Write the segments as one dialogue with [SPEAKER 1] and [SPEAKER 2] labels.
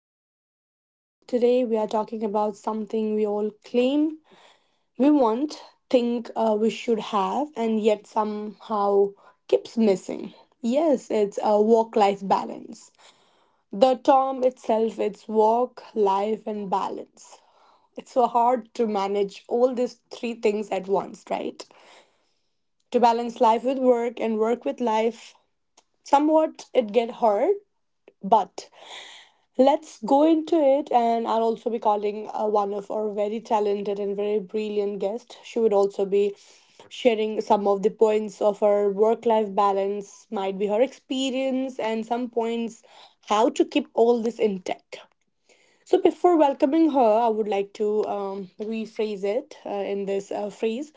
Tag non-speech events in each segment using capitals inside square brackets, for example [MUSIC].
[SPEAKER 1] this podcast. Today, we are talking about something we all claim we want, think we should have, and yet somehow keeps missing. Yes, it's a work life balance. The term itself it's work, life, and balance. It's so hard to manage all these three things at once, right? To balance life with work and work with life, somewhat it get hard, but let's go into it, and I'll also be calling one of our very talented and very brilliant guests. She would also be sharing some of the points of her work life balance, might be her experience, and some points how to keep all this intact. So, before welcoming her, I would like to rephrase it in this phrase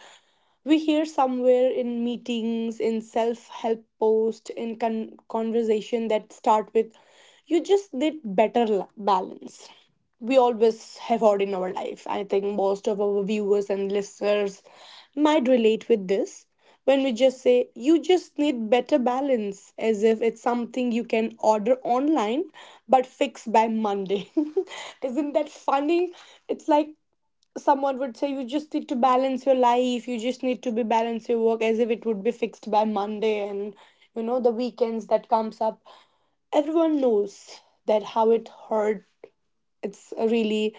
[SPEAKER 1] we hear somewhere in meetings in self-help post in conversation that start with, you just need better balance. We always have heard in our life. I think most of our viewers and listeners might relate with this when we just say you just need better balance, as if it's something you can order online but fix by Monday. [LAUGHS] Isn't that funny? It's like someone would say you just need to balance your life, you just need to be balance your work, as if it would be fixed by Monday. And you know the weekends that comes up, everyone knows that how it hurt. It's a really,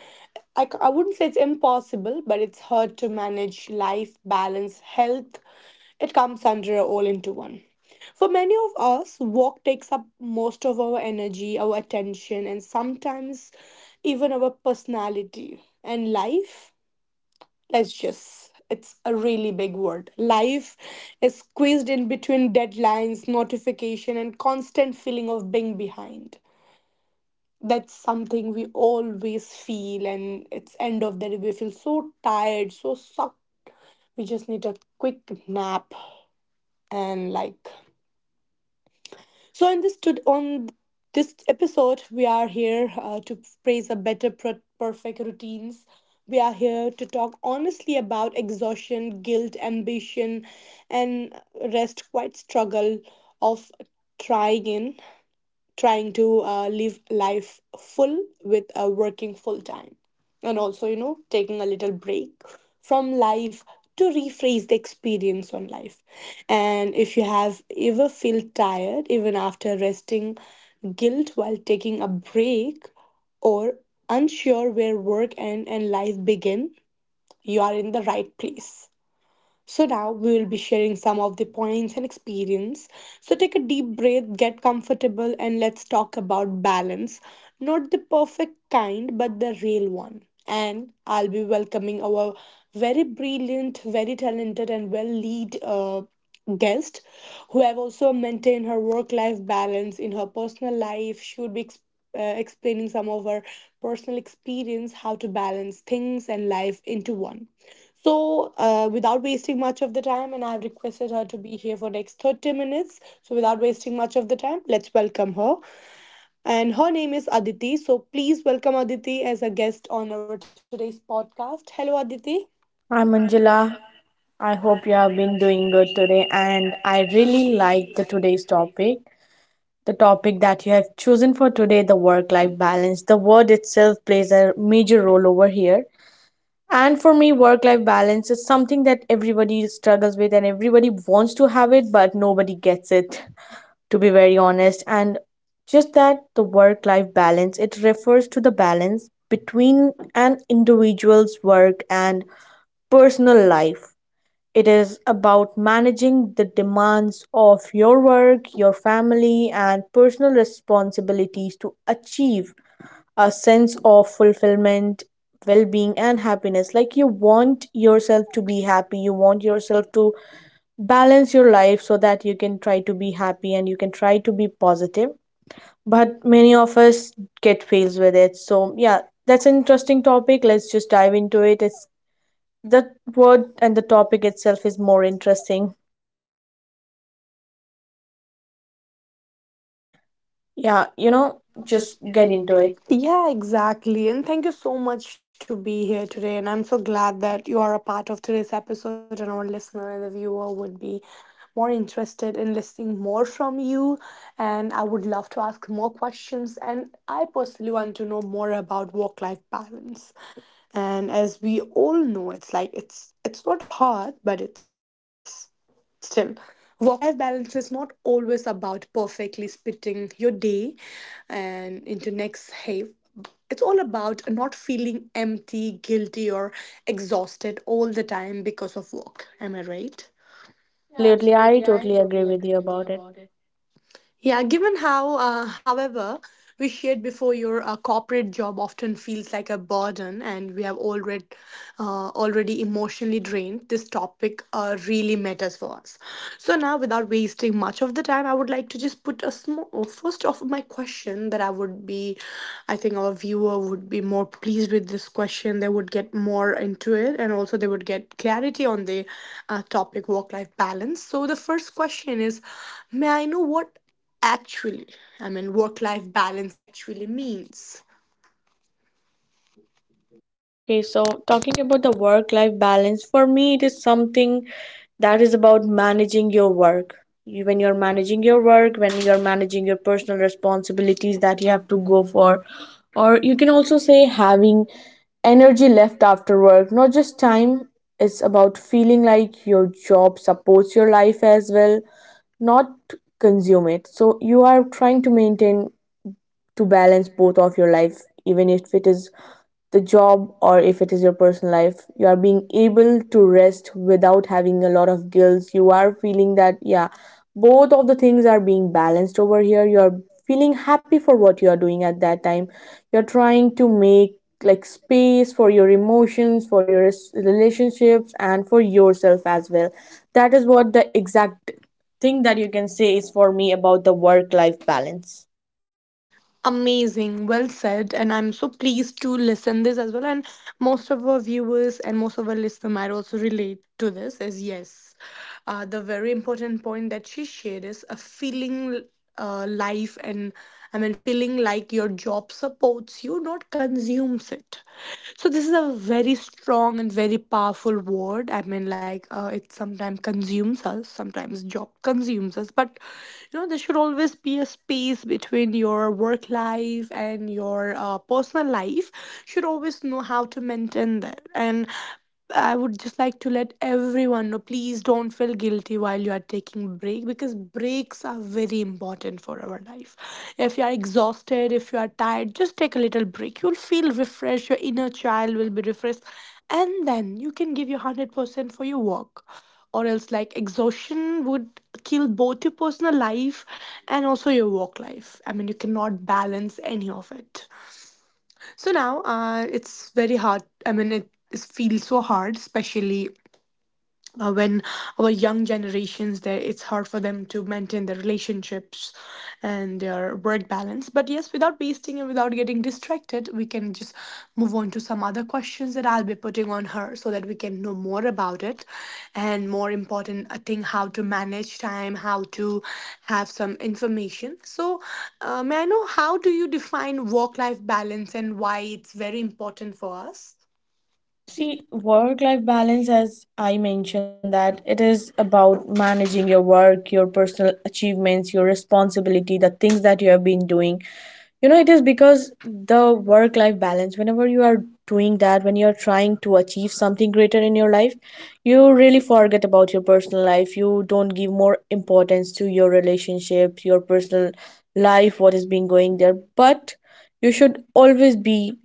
[SPEAKER 1] I wouldn't say it's impossible, but it's hard to manage life, balance, health. It comes under all into one. For many of us, work takes up most of our energy, our attention, and sometimes even our personality and life. Let's just, it's a really big word, life is squeezed in between deadlines, notification, and constant feeling of being behind. That's something we always feel, and it's end of the day we feel so tired, so sucked, we just need a quick nap. And like, so, in this on this episode, we are here to praise a better perfect routines. We are here to talk honestly about exhaustion, guilt, ambition, and rest. Quite struggle of trying in trying to live life full with working full time, and also you know taking a little break from life, to rephrase the experience on life. And if you have ever feel tired even after resting, guilt while taking a break, or unsure where work end and life begin, you are in the right place. So now we will be sharing some of the points and experience. So take a deep breath, get comfortable, and let's talk about balance. Not the perfect kind, but the real one. And I'll be welcoming our very brilliant, very talented, and well lead. Guest who have also maintained her work life balance in her personal life. She would be explaining some of her personal experience, how to balance things and life into one. So, without wasting much of the time, and I've requested her to be here for next 30 minutes. So, without wasting much of the time, let's welcome her. And her name is Aditi. So, please welcome Aditi as a guest on our today's podcast. Hello, Aditi.
[SPEAKER 2] I'm Angela. I hope you have been doing good today, and I really like the today's topic. The topic that you have chosen for today, the work-life balance. The word itself plays a major role over here. And for me, work-life balance is something that everybody struggles with and everybody wants to have it, but nobody gets it, [LAUGHS] to be very honest. And just that the work-life balance, it refers to the balance between an individual's work and personal life. It is about managing the demands of your work, your family, and personal responsibilities to achieve a sense of fulfillment, well being, and happiness. Like you want yourself to be happy, you want yourself to balance your life so that you can try to be happy and you can try to be positive. But many of us get fails with it. So, yeah, that's an interesting topic. Let's just dive into it. It's the word and the topic itself is more interesting. Yeah, just get into it.
[SPEAKER 1] Yeah, exactly. And thank you so much to be here today. And I'm so glad that you are a part of today's episode, and our listener and the viewer would be more interested in listening more from you. And I would love to ask more questions. And I personally want to know more about work-life balance. And as we all know, it's like it's not hard, but it's still, work life balance is not always about perfectly splitting your day and into next half. It's all about not feeling empty, guilty, or exhausted all the time because of work. Am I right?
[SPEAKER 2] Yeah, absolutely. I totally agree with you about it.
[SPEAKER 1] Yeah, given how, however, we shared before, your corporate job often feels like a burden, and we have already already emotionally drained. This topic really matters for us. So now, without wasting much of the time, I would like to just put a small first off my question that I would be, I think our viewer would be more pleased with this question. They would get more into it, and also they would get clarity on the topic work life balance. So the first question is, may I know what actually, I mean, work life balance actually means.
[SPEAKER 2] Okay, so talking about the work life balance, for me, it is something that is about managing your work. You, when you're managing your work, when you're managing your personal responsibilities that you have to go for, or you can also say having energy left after work, not just time. It's about feeling like your job supports your life as well, not consume it. So you are trying to maintain to balance both of your life, even if it is the job or if it is your personal life, you are being able to rest without having a lot of guilt. You are feeling that yeah, both of the things are being balanced over here. You are feeling happy for what you are doing at that time. You're trying to make like space for your emotions, for your relationships, and for yourself as well. That is what the exact thing that you can say is for me about the work life balance.
[SPEAKER 1] Amazing, well said, and I'm so pleased to listen this as well. And most of our viewers and most of our listeners might also relate to this. Is yes, the very important point that she shared is a feeling life, and I mean, feeling like your job supports you, not consumes it. So this is a very strong and very powerful word. I mean, like it sometimes consumes us, sometimes job consumes us. But you know, there should always be a space between your work life and your personal life. Should always know how to maintain that. And I would just like to let everyone know, please don't feel guilty while you are taking break, because breaks are very important for our life. If you are exhausted, if you are tired, just take a little break. You'll feel refreshed, your inner child will be refreshed, and then you can give your 100% for your work. Or else, like, exhaustion would kill both your personal life and also your work life. I mean, you cannot balance any of it. So now it's very hard. I mean, it feels so hard, especially when our young generations there, it's hard for them to maintain their relationships and their work balance. But yes, without wasting and without getting distracted, we can just move on to some other questions that I'll be putting on her, so that we can know more about it, and more important, I think, how to manage time, how to have some information. So may I know how do you define work life balance, and why it's very important for us?
[SPEAKER 2] See, work life balance, as I mentioned, that it is about managing your work, your personal achievements, your responsibility, the things that you have been doing. It is because the work life balance, whenever you are doing that, when you are trying to achieve something greater in your life, you really forget about your personal life. You don't give more importance to your relationships, your personal life, what is being going there. But you should always be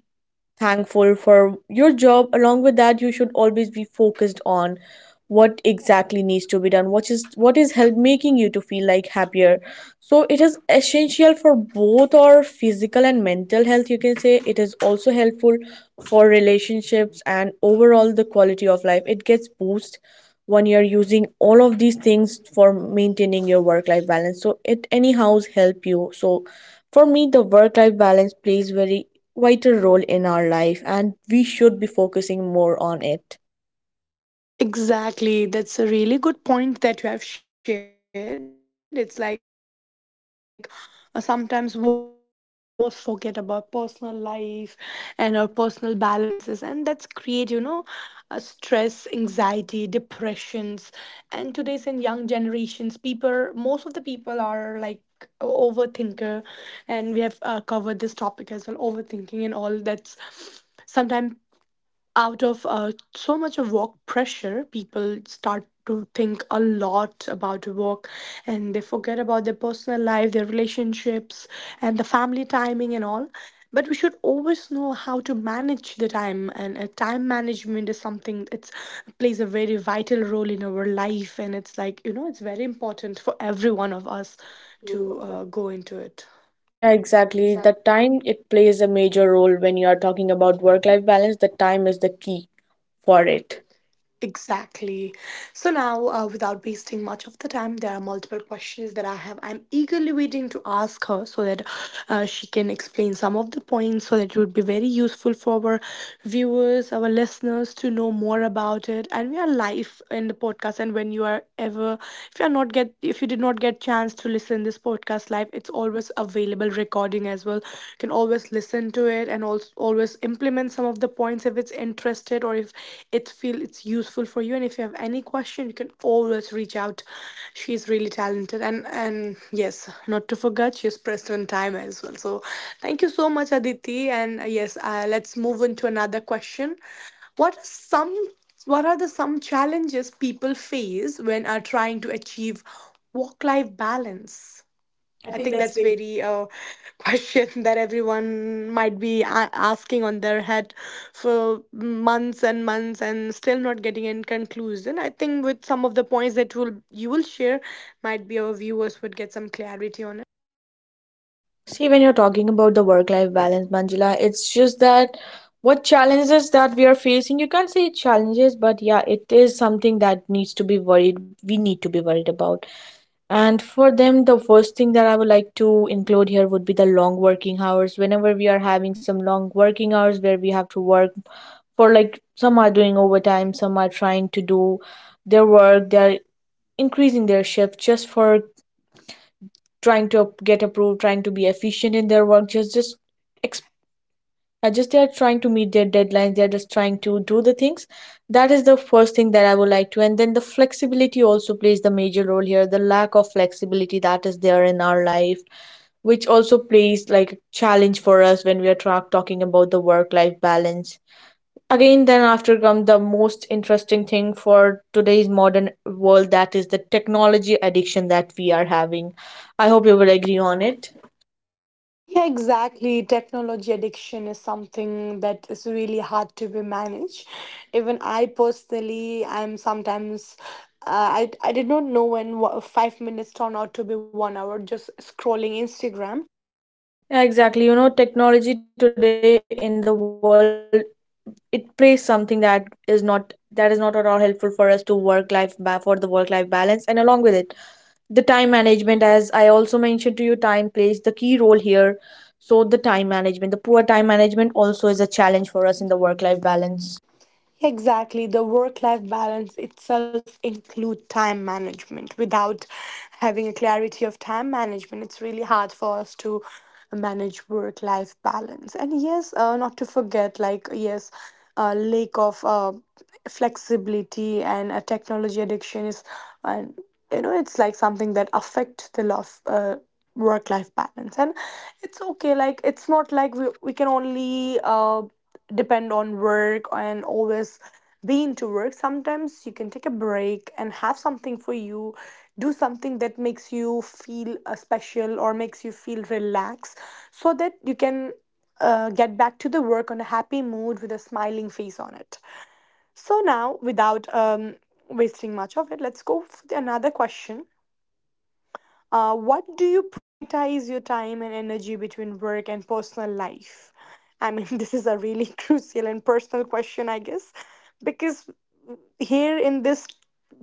[SPEAKER 2] thankful for your job. Along with that, you should always be focused on what exactly needs to be done, what is help making you to feel like happier. So it is essential for both our physical and mental health. You can say it is also helpful for relationships, and overall the quality of life it gets boost when you're using all of these things for maintaining your work life balance. So it anyhow help you. So for me, the work life balance plays very vital role in our life and we should be focusing more on it.
[SPEAKER 1] Exactly. That's a really good point that you have shared. It's like sometimes work consumes us so much that we almost forget about personal life and our personal balances. And that's create, you know, stress, anxiety, depressions. And today's in young generations, people, most of the people are like, overthinker, and we have covered this topic as well, overthinking and all. That's sometimes out of so much of work pressure, people start to think a lot about work, and they forget about their personal life, their relationships, and the family timing and all. But we should always know how to manage the time, and time management is something that plays a very vital role in our life, and it's like you know, it's very important for every one of us to go into it.
[SPEAKER 2] Yeah, exactly. The time it plays a major role when you are talking about work life balance, the time is the key for it.
[SPEAKER 1] Exactly. So now, without wasting much of the time, there are multiple questions that I have. I'm eagerly waiting to ask her, so that she can explain some of the points, so that it would be very useful for our viewers, our listeners to know more about it. And we are live in the podcast. And when you are ever, if you are not get, if you did not get chance to listen this podcast live, it's always available recording as well. You can always listen to it and also always implement some of the points if it's interested or if it feel it's useful for you. And if you have any question, you can always reach out. She's really talented, and yes, not to forget, she's pressed on time as well. So thank you so much, Aditi. And yes, let's move into another question. What are some what are the some challenges people face when are trying to achieve work life balance? I think that's very [LAUGHS] question that everyone might be asking on their head for months and months and still not getting any conclusion. I think with some of the points that will you will share, might be our viewers would get some clarity on it.
[SPEAKER 2] See, when you're talking about the work life balance, Manjula, it's just that what challenges that we are facing, you can't say challenges, but yeah, it is something that needs to be worried, we need to be worried about. And for them, the first thing that I would like to include here would be the long working hours. Whenever we are having some long working hours where we have to work for, like, some are doing overtime, some are trying to do their work, they're increasing their shift just for trying to get approved, trying to be efficient in their work, just they are trying to meet their deadlines, they are just trying to do the things. That is the first thing that I would like to. And then the flexibility also plays the major role here, the lack of flexibility that is there in our life, which also plays like a challenge for us when we are talking about the work life balance. Again, then after come the most interesting thing for today's modern world, that is the technology addiction that we are having. I hope you will agree on it.
[SPEAKER 1] Yeah, exactly. Technology addiction is something that is really hard to be managed. Even I personally, I'm sometimes. I did not know when 5 minutes turned out to be 1 hour just scrolling Instagram.
[SPEAKER 2] Yeah, exactly. Technology today in the world, it plays something that is not at all helpful for us to work life for the work life balance. And along with it, the time management, as I also mentioned to you, time plays the key role here. So the time management, the poor time management also is a challenge for us in the work life balance.
[SPEAKER 1] Exactly. The work life balance itself include time management. Without having a clarity of time management, it's really hard for us to manage work life balance. And yes, not to forget, like, yes, lack of flexibility and a technology addiction is, and you know, it's like something that affect the love, work life balance. And it's okay, like, it's not like we can only. Depend on work and always be into work. Sometimes you can take a break and have something for you, do something that makes you feel special, or makes you feel relaxed so that you can get back to the work on a happy mood with a smiling face on it. So now, without wasting much of it, let's go for the another question. What do you prioritize your time and energy between work and personal life? I mean, [LAUGHS] this is a really [LAUGHS] crucial and personal question, I guess, because here in this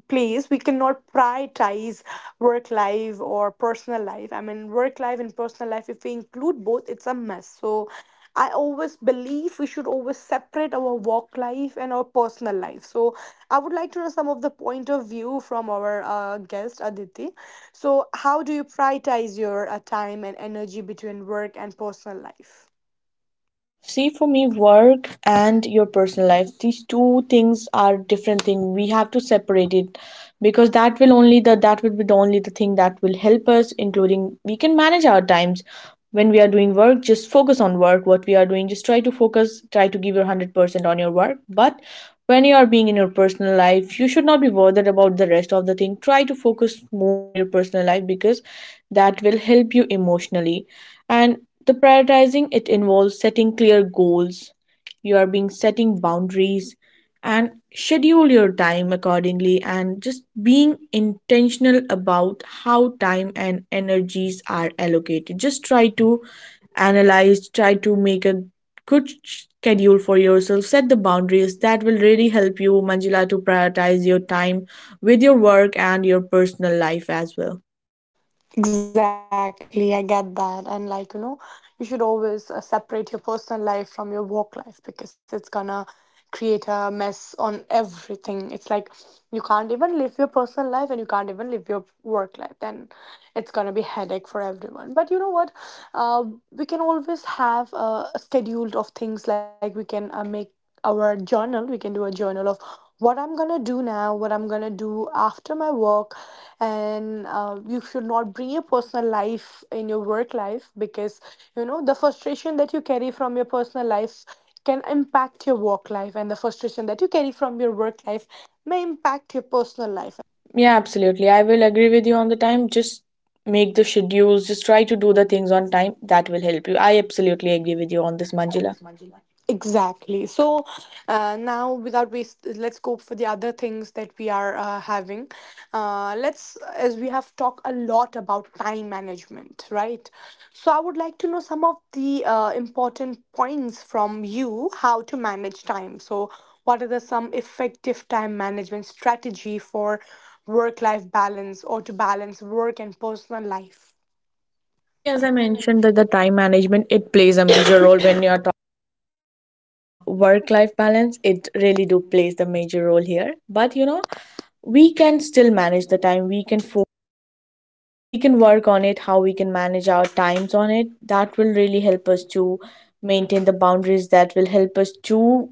[SPEAKER 1] place we cannot prioritize work life or personal life. I mean, work life and personal life, if we include both, it's a mess. So I always believe we should always separate our work life and our personal life. So I would like to know some of the point of view from our guest Aditi. So how do you prioritize your time and energy between work and personal life?
[SPEAKER 2] See, for me, work and your personal life, these two things are different thing. We have to separate it because that will be the only the thing that will help us, including we can manage our times. When we are doing work, just focus on work. What we are doing, just try to focus, try to give your 100% on your work. But when you are being in your personal life, you should not be bothered about the rest of the thing. Try to focus more on your personal life because that will help you emotionally. And the prioritizing it involves setting clear goals. You are being setting boundaries and schedule your time accordingly, and just being intentional about how time and energies are allocated. Just try to analyze, try to make a good schedule for yourself, set the boundaries that will really help you, Manjila, to prioritize your time with your work and your personal life as well.
[SPEAKER 1] Exactly, I get that. And like, you know, you should always separate your personal life from your work life because it's gonna create a mess on everything. It's like you can't even live your personal life and you can't even live your work life. Then it's gonna be headache for everyone. But you know what? Uh, we can always have a schedule of things. Like we can make our journal. We can do a journal of what I'm gonna do now, what I'm gonna do after my work, and you should not bring your personal life in your work life, because you know the frustration that you carry from your personal life can impact your work life, and the frustration that you carry from your work life may impact your personal life.
[SPEAKER 2] Yeah, absolutely. I will agree with you on the time. Just make the schedules, just try to do the things on time. That will help you. I absolutely agree with you on this, Manjula.
[SPEAKER 1] Exactly. So now, without waste, let's go for the other things that we are having. Let's, as we have talked a lot about time management, right? So I would like to know some of the important points from you, how to manage time. So what are the some effective time management strategy for work-life balance, or to balance work and personal life?
[SPEAKER 2] So, yeah, as I mentioned, that the time management it plays a major role when you are talking work life balance. It really do plays the major role here. But we can still manage the time. We can work on it how we can manage our times on it that will really help us to maintain the boundaries that will help us to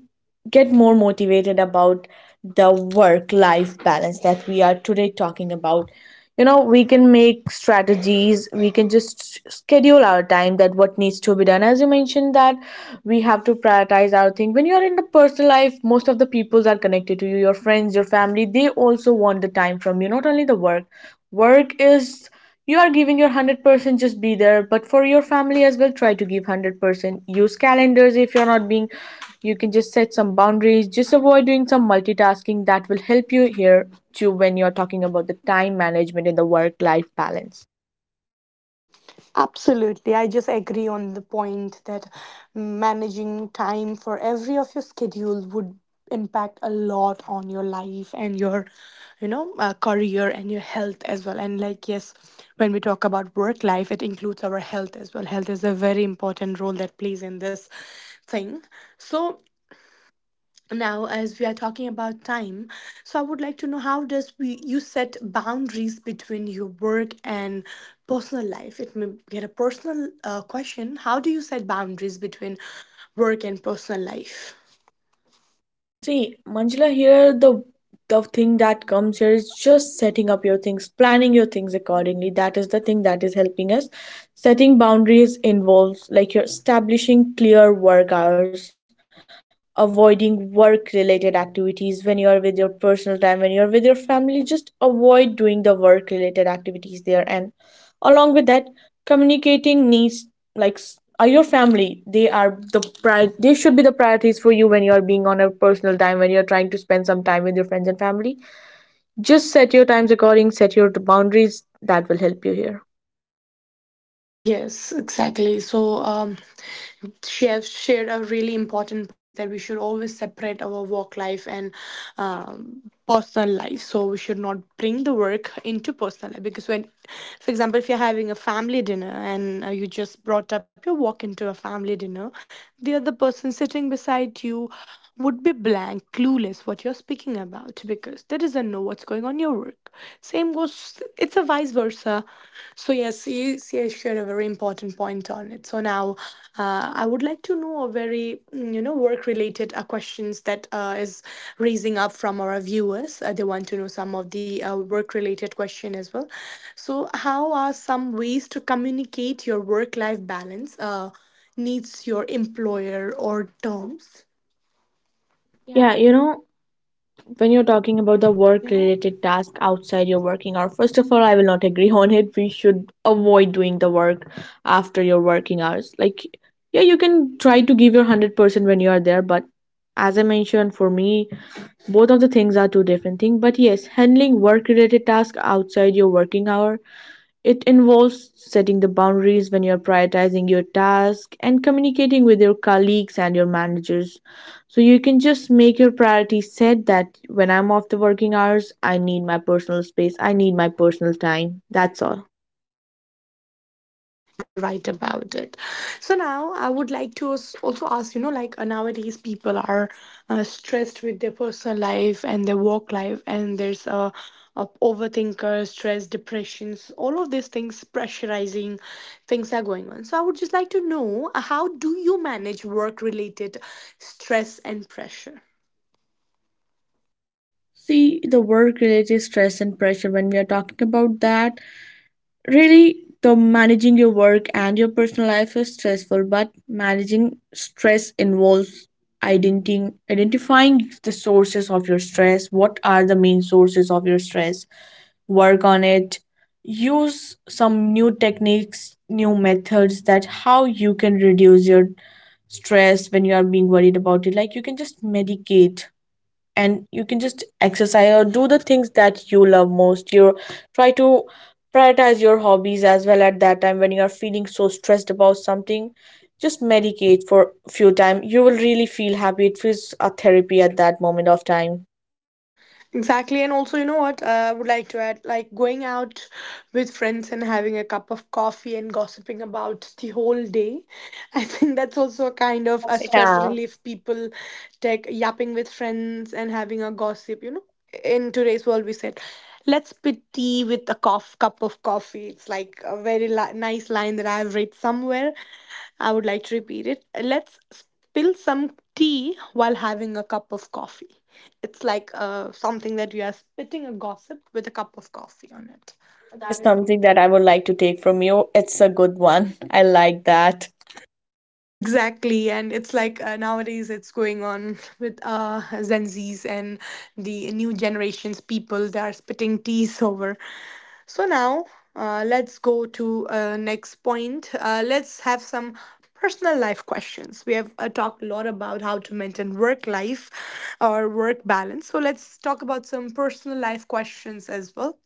[SPEAKER 2] get more motivated about the work life balance that we are today talking about. You know we can make strategies. We can just schedule our time that what needs to be done. As you mentioned that we have to prioritize our thing, when you're in the personal life, most of the peoples are connected to you, your friends, your family, they also want the time from you, not only the work. Work is, you are giving your 100%, just be there, but for your family as well, try to give 100%. Use calendars if you're not being. You can just set some boundaries, just avoid doing some multitasking. That will help you here too when you're talking about the time management in the work life balance.
[SPEAKER 1] Absolutely. I just agree on the point that managing time for every of your schedule would impact a lot on your life and your, you know, career and your health as well. And like, yes, when we talk about work life, it includes our health as well. Health is a very important role that plays in this thing. So now, as we are talking about time, so I would like to know, how does we you set boundaries between your work and personal life? It may get a personal question. How do you set boundaries between work and personal life?
[SPEAKER 2] See, Manjula, here the thing that comes here is just setting up your things, planning your things accordingly. That is the thing that is helping us. Setting boundaries involves like you're establishing clear work hours, avoiding work related activities when you're with your personal time, when you're with your family, just avoid doing the work related activities there, and along with that, communicating needs, like, are your family, they are they should be the priorities for you when you are being on a personal time, when you're trying to spend some time with your friends and family. Just set your times according, set your boundaries that will help you here.
[SPEAKER 1] Yes, exactly. So, she has shared a really important point that we should always separate our work life and um, personal life. So we should not bring the work into personal life, because when, for example, if you're having a family dinner and you just brought up your work into a family dinner, the other person sitting beside you would be blank, clueless what you're speaking about, because they doesn't know what's going on in your work. Same goes, it's a vice versa. So, yes, you shared a very important point on it. So now, I would like to know a very, you know, work related questions that is raising up from our viewers. They want to know some of the work related question as well. So, how are some ways to communicate your work life balance? Needs your employer or terms.
[SPEAKER 2] Yeah, when you're talking about the work related task outside your working hour, first of all, I will not agree on it. We should avoid doing the work after your working hours, like, yeah, you can try to give your 100% when you are there, but as I mentioned, for me, both of the things are two different things. But yes, handling work related tasks outside your working hour, it involves setting the boundaries when you're prioritizing your task, and communicating with your colleagues and your managers. So you can just make your priorities set that when I'm off the working hours, I need my personal space, I need my personal time. That's all.
[SPEAKER 1] Exactly, you are very right about it. So now I would like to also ask, you know, like, nowadays people are stressed with their personal life and their work life, and there's a overthinker, stress, depressions, all of these things, pressurizing things are going on. So I would just like to know how do you manage work-related stress and pressure?
[SPEAKER 2] See, the work related stress and pressure, when we are talking about that, really the managing your work and your personal life is stressful, but managing stress involves identifying the sources of your stress. What are the main sources of your stress? Work on it. Use some new techniques, new methods, that how you can reduce your stress when you are being worried about it. Like you can just medicate and you can just exercise or do the things that you love most. You try to prioritize your hobbies as well at that time when you are feeling so stressed about something. Just medicate for a few time, you will really feel happy. It feels a therapy at that moment of time.
[SPEAKER 1] Exactly, and also, you know what? I would like to add, like going out with friends and having a cup of coffee and gossiping about the whole day. [LAUGHS] I think that's also a kind of a stress. Yeah.
[SPEAKER 2] Yeah,
[SPEAKER 1] Relief. People take yapping with friends and having a gossip, you know. In today's world, we said, let's pit tea with a cough, cup of coffee. It's like a very nice line that I've read somewhere. I would like to repeat it. Let's spill some tea while having a cup of coffee. It's like something that you are spitting a gossip with a cup of coffee on it.
[SPEAKER 2] that is something that I would like to take from you. It's a good one, I like that.
[SPEAKER 1] Exactly, and it's like, nowadays it's going on with Gen Zs and the new generations people. They are spitting teas over. So now, let's go to next point. Let's have some personal life questions. We have talked a lot about how to maintain work life or work balance. So let's talk about some personal life questions as well.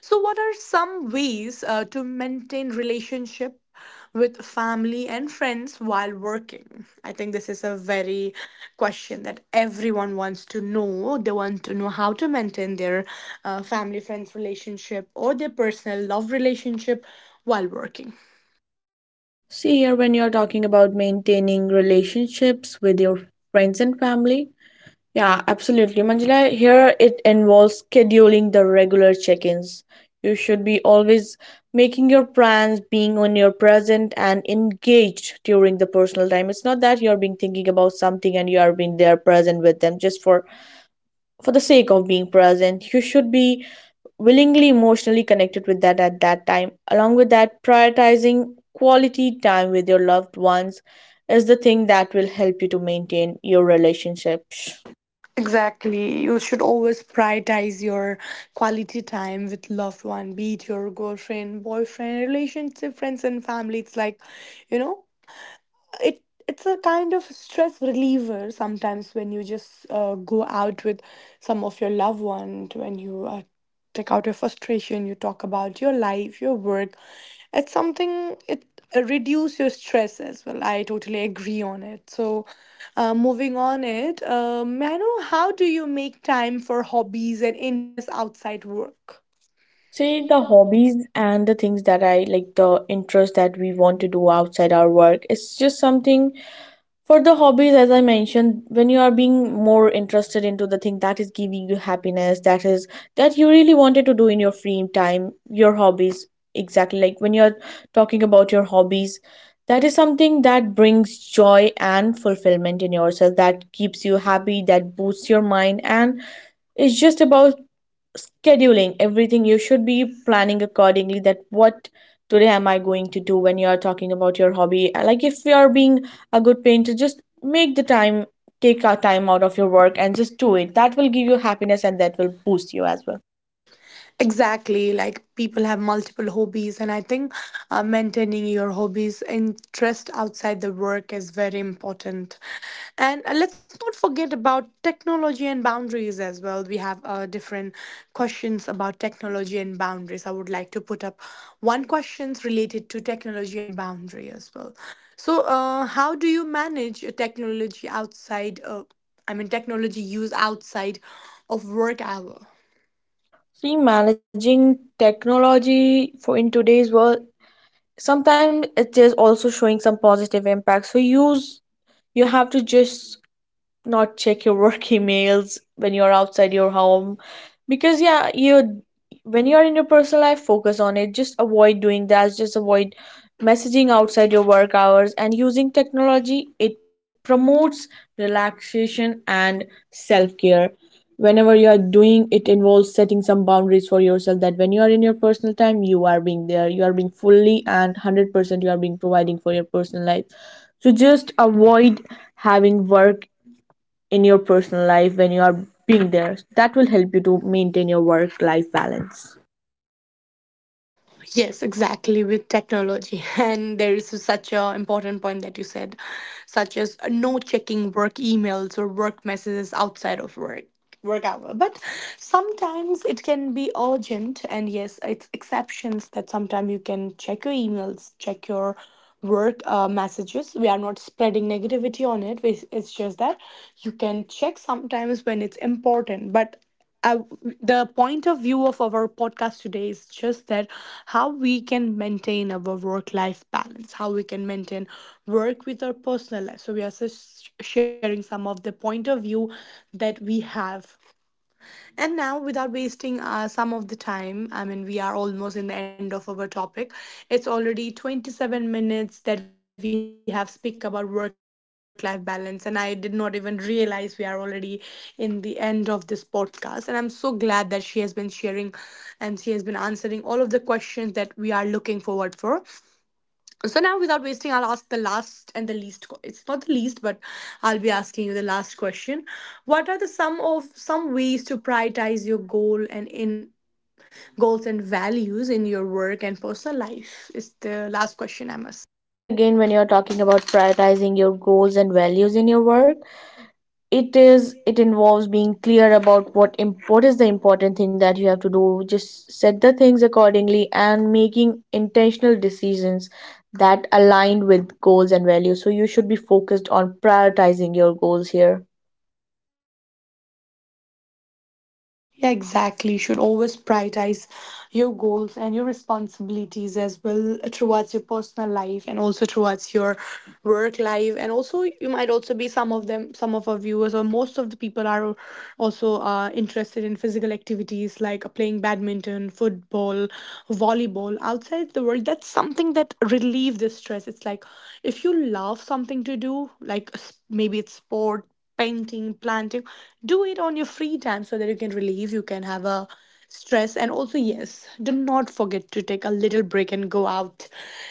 [SPEAKER 1] So, what are some ways to maintain relationship with family and friends while working? I think this is a very question that everyone wants to know. They want to know how to maintain their family friends relationship or their personal love relationship while working.
[SPEAKER 2] See here, when you're talking about maintaining relationships with your friends and family. Yeah, absolutely. Manjula, here it involves scheduling the regular check ins. You should be always making your plans, being on your present and engaged during the personal time. It's not that you're being thinking about something and you are being there present with them just for the sake of being present. You should be willingly emotionally connected with that at that time. Along with that, prioritizing quality time with your loved ones is the thing that will help you to maintain your relationships.
[SPEAKER 1] Exactly. You should always prioritize your quality time with loved one, be it your girlfriend, boyfriend, relationship, friends and family. It's like, you know, it's a kind of stress reliever sometimes when you just go out with some of your loved one, when you take out your frustration, you talk about your life, your work. It's something it reduce your stress as well. I totally agree on it. So moving on it, may I know, how do you make time for hobbies and interests outside work?
[SPEAKER 2] See the hobbies and the things that I like, the interest that we want to do outside our work. It's just something for the hobbies, as I mentioned, when you are being more interested into the thing that is giving you happiness, that is that you really wanted to do in your free time, your hobbies. Exactly, like when you're talking about your hobbies, that is something that brings joy and fulfillment in yourself, that keeps you happy, that boosts your mind. And it's just about scheduling everything. You should be planning accordingly that what today am I going to do. When you are talking about your hobby, like if you are being a good painter, just make the time, take a time out of your work and just do it. That will give you happiness and that will boost you as well.
[SPEAKER 1] Exactly, like people have multiple hobbies, and I think maintaining your hobbies interest outside the work is very important. And let's not forget about technology and boundaries as well. We have different questions about technology and boundaries. I would like to put up one questions related to technology and boundary as well. So, how do you manage technology outside? I mean, technology use outside of work hour.
[SPEAKER 2] See, managing technology for in today's world, sometimes it is also showing some positive impact. So use, you have to just not check your work [LAUGHS] emails when you're outside your home. Because yeah, you, when you're in your personal life, focus on it. Just avoid doing that, just avoid messaging outside your work hours and using technology. It promotes relaxation and self-care. Whenever you are doing, it involves setting some boundaries for yourself that when you are in your personal time, you are being there, you are being fully, and 100% you are being providing for your personal life. So just avoid having work in your personal life when you are being there. That will help you to maintain your work life balance.
[SPEAKER 1] Yes, exactly, with technology. [LAUGHS] And there is such a important point that you said, such as no checking work emails or work messages outside of work hour. But sometimes it can be urgent, and yes, it's exceptions that sometimes you can check your emails, check your work messages. We are not spreading negativity on it. It's just that you can check sometimes when it's important. But uh, the point of view of our podcast today is just that how we can maintain our work life balance, how we can maintain work with our personal life. So we are just sharing some of the point of view that we have. And now, without wasting some of the time, I mean, we are almost in the end of our topic. It's already 27 minutes that we have speak about work-life balance, and I did not even realize we are already in the end of this podcast. And I'm so glad that she has been sharing, and she has been answering all of the questions that we are looking forward for. So now, without wasting, I'll ask the last and the least. It's not the least, but I'll be asking you the last question. What are the some of some ways to prioritize your goal and in goals and values in your work and personal life? Is the last question, I must say.
[SPEAKER 2] See again, when you're talking about prioritizing your goals and values in your work, it involves being clear about what is the important thing that you have to do. Just set the things accordingly and making intentional decisions that align with goals and values. So you should be focused on prioritizing your goals here.
[SPEAKER 1] Yeah, exactly. You should always prioritize your goals and your responsibilities as well, towards your personal life and also towards your work life. And also, you might also be some of them, some of our viewers, or most of the people are also interested in physical activities like playing badminton, football, volleyball outside the world. That's something that relieve the stress. It's like, if you love something to do, like maybe it's sport, painting, planting. Do it on your free time so that you can relieve, you can have a stress. And also, yes, do not forget to take a little break and go out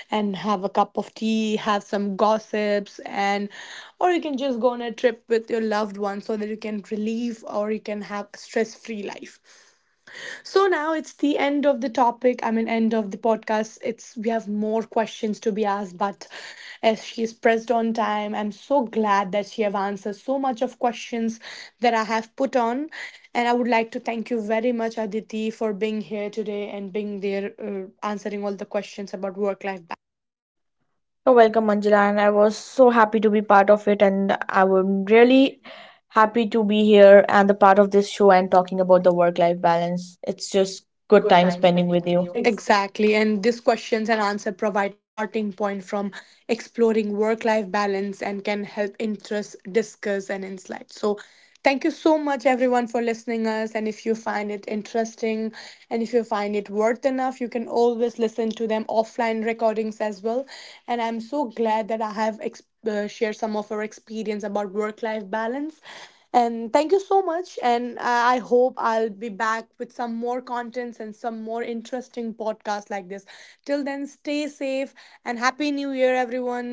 [SPEAKER 1] and have a cup of tea, have some gossips, and or you can just go on a trip with your loved one so that you can relieve or you can have a stress free life. So now it's the end of the topic. I mean, end of the podcast. It's we have more questions to be asked, but as she is pressed on time, I'm so glad that she have answered so much of questions that I have put on, and I would like to thank you very much, Aditi, for being here today and being there, answering all the questions about work life.
[SPEAKER 2] You're welcome, Manjula, and I was so happy to be part of it, and I'm really happy to be here and the part of this show and talking about the work-life balance. It's just good time spending with you.
[SPEAKER 1] Exactly. And these questions and answer provide a starting point from exploring work life balance and can help interest, discuss, and insight. So thank you so much everyone for listening us. And if you find it interesting and if you find it worth enough, you can always listen to them offline recordings as well. And I'm so glad that I have shared some of our experience about work life balance. And thank you so much. And I hope I'll be back with some more contents and some more interesting podcasts like this. Till then, stay safe, and Happy New Year, everyone.